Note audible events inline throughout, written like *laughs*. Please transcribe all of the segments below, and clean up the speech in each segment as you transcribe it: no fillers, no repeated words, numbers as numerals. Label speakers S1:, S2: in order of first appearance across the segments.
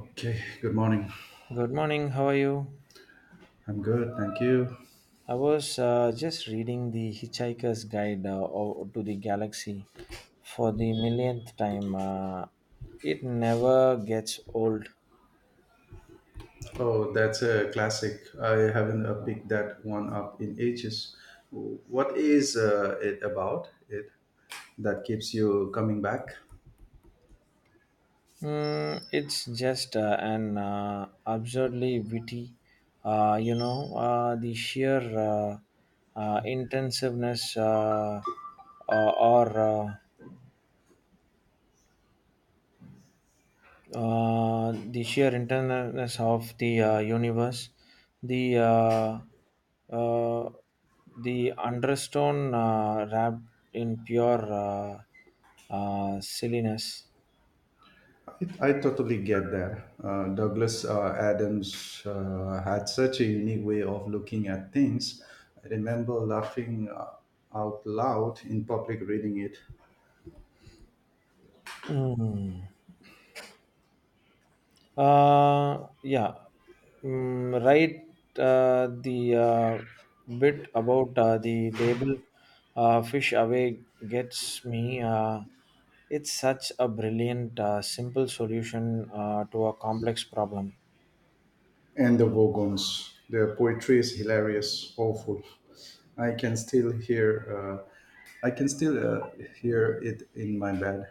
S1: Okay, good morning.
S2: Good morning, how are you?
S1: I'm good, thank you.
S2: I was just reading The Hitchhiker's Guide to the Galaxy for the millionth time. It never gets old.
S1: Oh, that's a classic. I haven't picked that one up in ages. What is it about it that keeps you coming back?
S2: Mm, it's just an absurdly witty, the sheer intensiveness or the sheer internalness of the universe, the uh, uh, the understone wrapped in pure silliness.
S1: I totally get that. Douglas Adams had such a unique way of looking at things. I remember laughing out loud in public reading it.
S2: Mm. Yeah, mm, right. The bit about the label "fish away" gets me. It's such a brilliant, simple solution to a complex problem.
S1: And the Vogons. Their poetry is hilarious, awful. I can still hear, I can still hear it in my bed.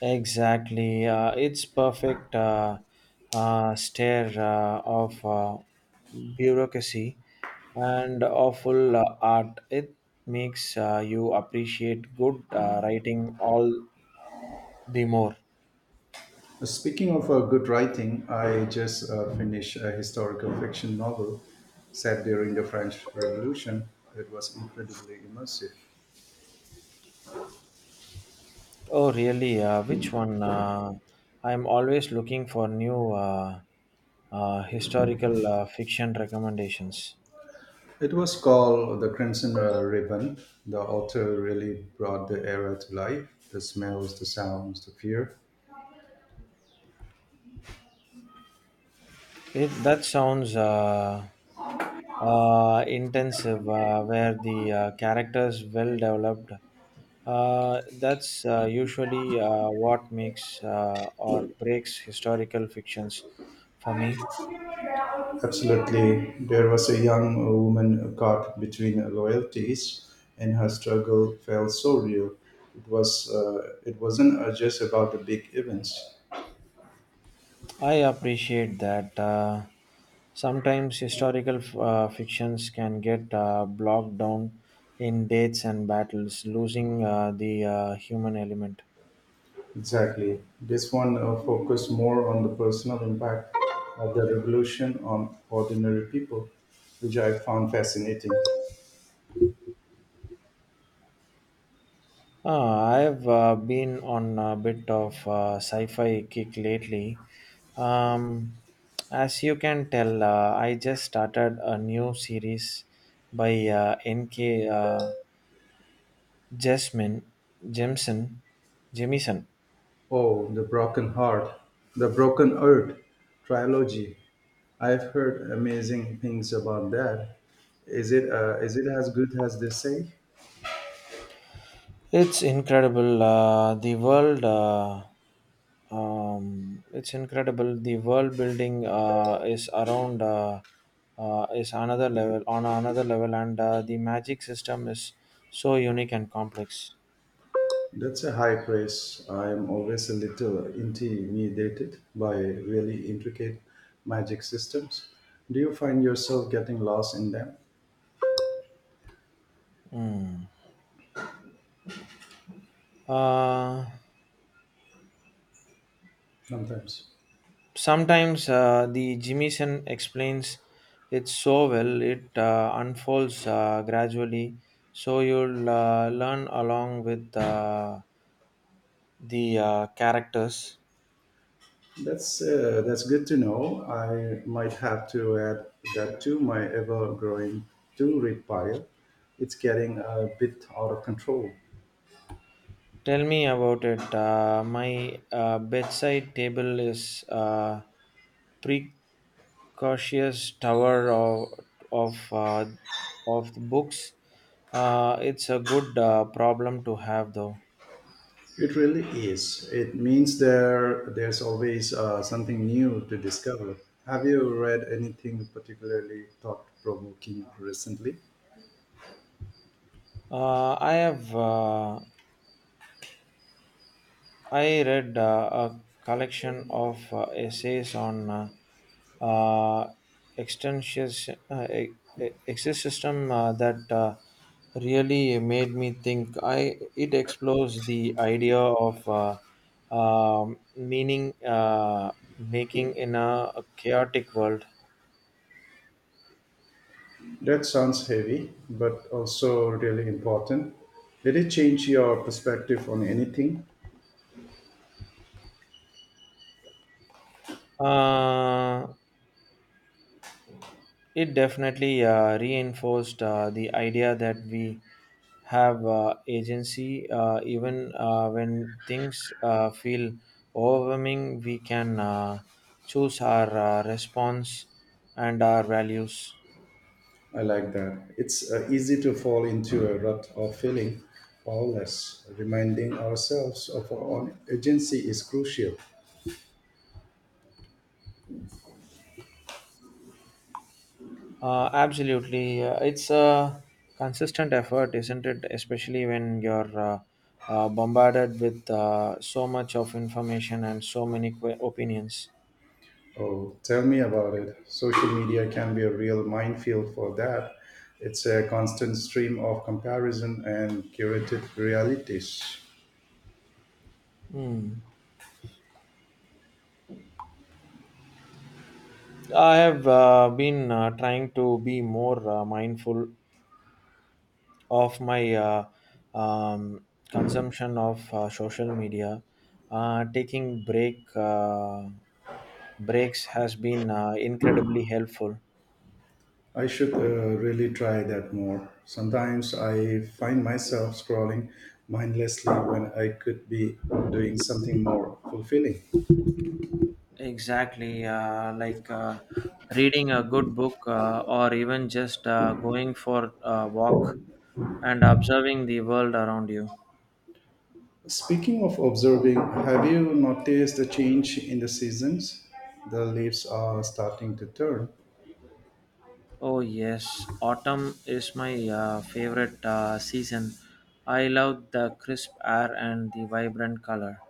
S2: Exactly. It's perfect stare of bureaucracy and awful art. It makes you appreciate good writing all the more.
S1: Speaking of good writing, I just finished a historical fiction novel set during the French Revolution. It was incredibly immersive.
S2: Oh, really? Which one? I'm always looking for new historical fiction recommendations.
S1: It was called The Crimson Ribbon. The author really brought the era to life the smells, the sounds, the fear.
S2: It that sounds intensive, where the characters well developed. That's usually what makes or breaks historical fictions for me.
S1: Absolutely. There was a young woman caught between loyalties, and her struggle felt so real. It was. It wasn't just about the big events.
S2: I appreciate that. Sometimes fictions can get blocked down in dates and battles, losing the human element.
S1: Exactly. This one focused more on the personal impact of the revolution on ordinary people, which I found fascinating.
S2: I've been on a bit of sci-fi kick lately. Um, as you can tell, I just started a new series by N.K. Jasmine Jemison. Jemison.
S1: Oh, the Broken Heart, the Broken Earth trilogy. I've heard amazing things about that. Is it as good as they say?
S2: It's incredible. It's incredible. The world building is another level on another level, and the magic system is so unique and complex.
S1: That's a high praise. I'm always a little intimidated by really intricate magic systems. Do you find yourself getting lost in them
S2: Uh,
S1: sometimes?
S2: sometimes the Jimison explains it so well. It unfolds gradually, so you'll learn along with the characters.
S1: That's good to know. I might have to add that to my ever-growing to-read pile. It's getting a bit out of control.
S2: Tell me about it. My bedside table is a precocious tower of uh, of books. It's a good problem to have, though.
S1: It really is. It means there's always something new to discover. Have you read anything particularly thought-provoking recently?
S2: Uh, I have uh, I read a collection of essays on uh, extension- uh, e- existentialism that really made me think. I it explores the idea of meaning making in a chaotic world.
S1: That sounds heavy, but also really important. Did it change your perspective on anything?
S2: Uh, It definitely reinforced the idea that we have agency even when things feel overwhelming, we can choose our response and our values.
S1: I like that. It's easy to fall into a rut of feeling powerless. Reminding ourselves of our own agency is crucial.
S2: Absolutely. It's a consistent effort, isn't it? Especially when you're bombarded with so much of information and so many opinions.
S1: Oh, tell me about it. Social media can be a real minefield for that. It's a constant stream of comparison and curated realities.
S2: Hmm. I have been trying to be more mindful of my um, consumption of social media. Taking breaks has been incredibly helpful.
S1: I should really try that more. Sometimes I find myself scrolling mindlessly when I could be doing something more fulfilling.
S2: Exactly, like reading a good book or even just going for a walk and observing the world around you.
S1: Speaking of observing, have you noticed the change in the seasons? The leaves are starting to turn.
S2: Oh yes, autumn is my favorite season. I love the crisp air and the vibrant color.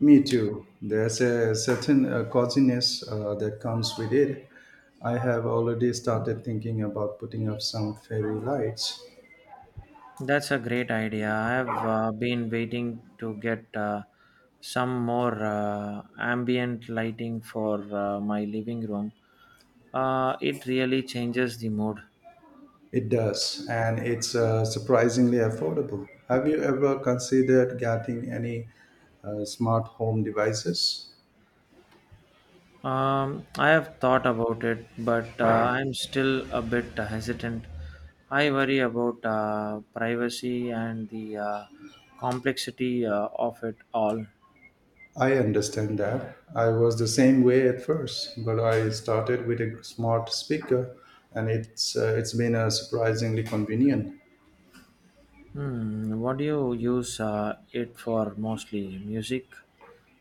S1: Me too. There's a certain coziness that comes with it. I have already started thinking about putting up some fairy lights.
S2: That's a great idea. I have been waiting to get some more ambient lighting for my living room. It really changes the mood.
S1: It does, and it's surprisingly affordable. Have you ever considered getting any smart home devices?
S2: I have thought about it, but I'm still a bit hesitant. I worry about privacy and the complexity of it all.
S1: I understand that. I was the same way at first, but I started with a smart speaker and it's been surprisingly convenient.
S2: Hmm, what do you use it for mostly? Music,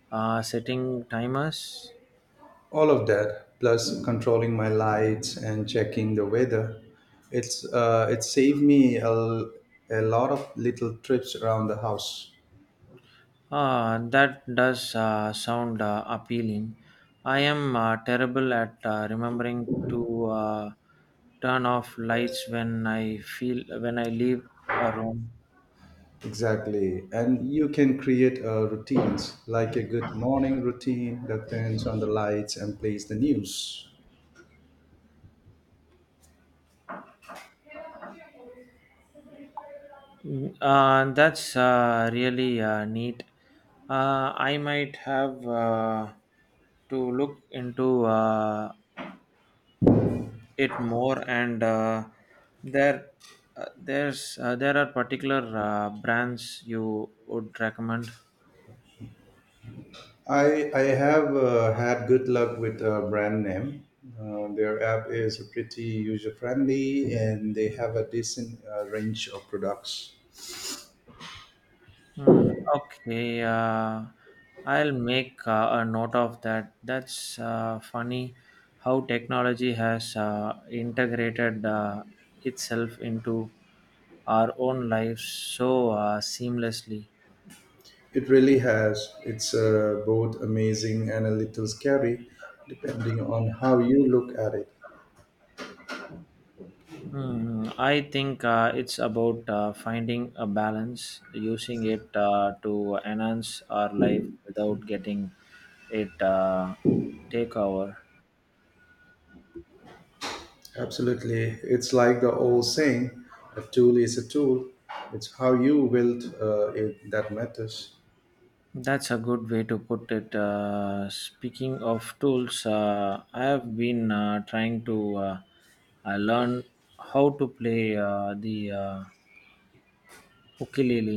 S2: setting timers?
S1: All of that plus controlling my lights and checking the weather. It saved me a lot of little trips around the house.
S2: Ah, that does sound appealing. I am terrible at remembering to turn off lights when I leave a room.
S1: Exactly. And you can create routines like a good morning routine that turns on the lights and plays the news.
S2: That's really neat. I might have to look into it more, and there there are particular brands you would recommend.
S1: I have had good luck with a brand name. Their app is pretty user friendly, and they have a decent range of products.
S2: Hmm. Okay. I'll make a note of that. That's funny how technology has integrated itself into our own lives so seamlessly.
S1: It really has. It's both amazing and a little scary, depending on how you look at it.
S2: Hmm. I think it's about finding a balance, using it to enhance our life without getting it take over.
S1: Absolutely, it's like the old saying: "A tool is a tool. It's how you wield it that matters."
S2: That's a good way to put it. Speaking of tools, I have been trying to learn how to play the ukulele.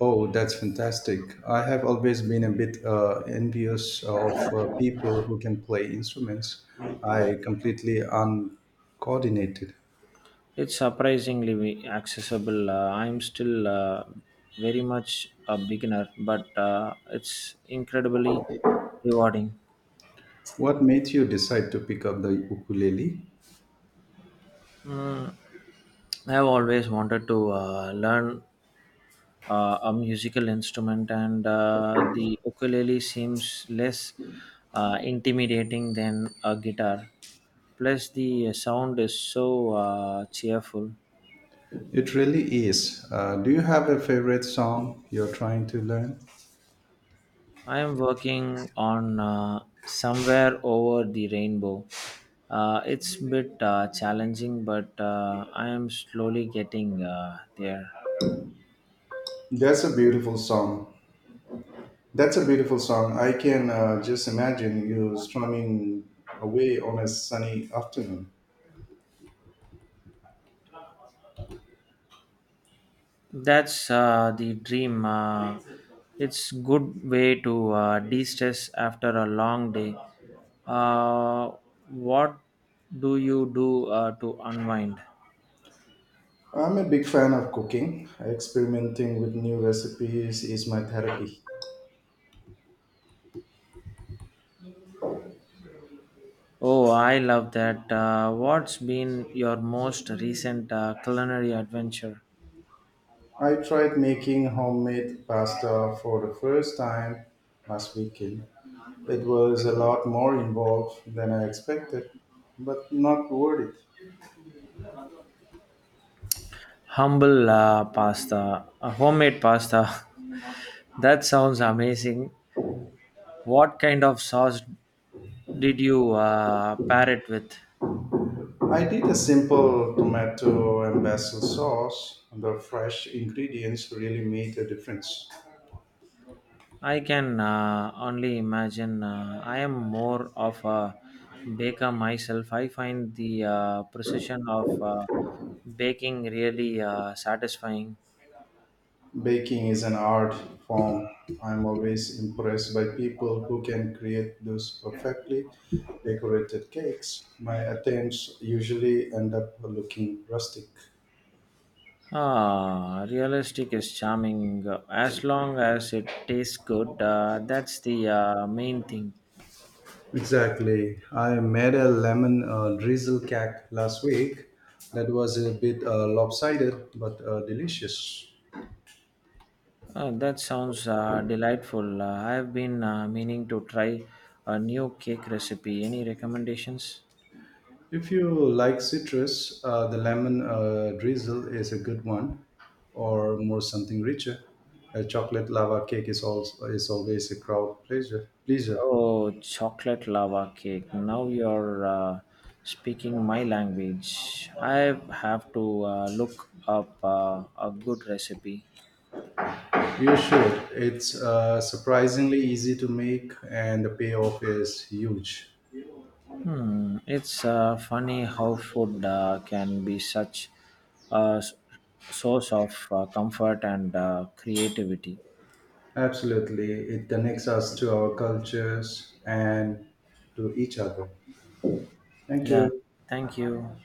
S1: Oh, that's fantastic. I have always been a bit envious of people who can play instruments. I completely uncoordinated.
S2: It's surprisingly accessible. I'm still very much a beginner, but it's incredibly rewarding.
S1: What made you decide to pick up the ukulele?
S2: Mm, I've always wanted to learn a musical instrument, and the ukulele seems less intimidating than a guitar. Plus, the sound is so cheerful.
S1: It really is. Do you have a favorite song you're trying to learn?
S2: I am working on Somewhere Over the Rainbow. It's a bit challenging, but I am slowly getting there.
S1: That's a beautiful song. That's a beautiful song. I can just imagine you strumming away on a sunny afternoon.
S2: That's the dream. It's good way to de-stress after a long day. Uh, what do you do to unwind?
S1: I'm a big fan of cooking. Experimenting with new recipes is my therapy.
S2: Oh, I love that. What's been your most recent culinary adventure?
S1: I tried making homemade pasta for the first time last weekend. It was a lot more involved than I expected, but not worth it.
S2: Homemade pasta. *laughs* that sounds amazing. What kind of sauce did you pair it with?
S1: I did a simple tomato and basil sauce. The fresh ingredients really made a difference.
S2: I can only imagine. I am more of a baker myself. I find the precision of baking really satisfying.
S1: Baking is an art form. I'm always impressed by people who can create those perfectly decorated cakes. My attempts usually end up looking rustic.
S2: Ah, realistic is charming. As long as it tastes good, that's the main thing.
S1: Exactly. I made a lemon drizzle cake last week that was a bit lopsided but delicious.
S2: That sounds delightful. I've been meaning to try a new cake recipe. Any recommendations?
S1: If you like citrus, the lemon drizzle is a good one, or more something richer. A chocolate lava cake is always a crowd pleasure. Pleasure.
S2: Oh, chocolate lava cake. Now you're speaking my language. I have to look up a good recipe.
S1: You should. It's surprisingly easy to make, and the payoff is huge.
S2: Hmm, it's funny how food can be such a source of comfort and creativity.
S1: Absolutely, it connects us to our cultures and to each other. Thank
S2: Yeah,
S1: you.
S2: thank you.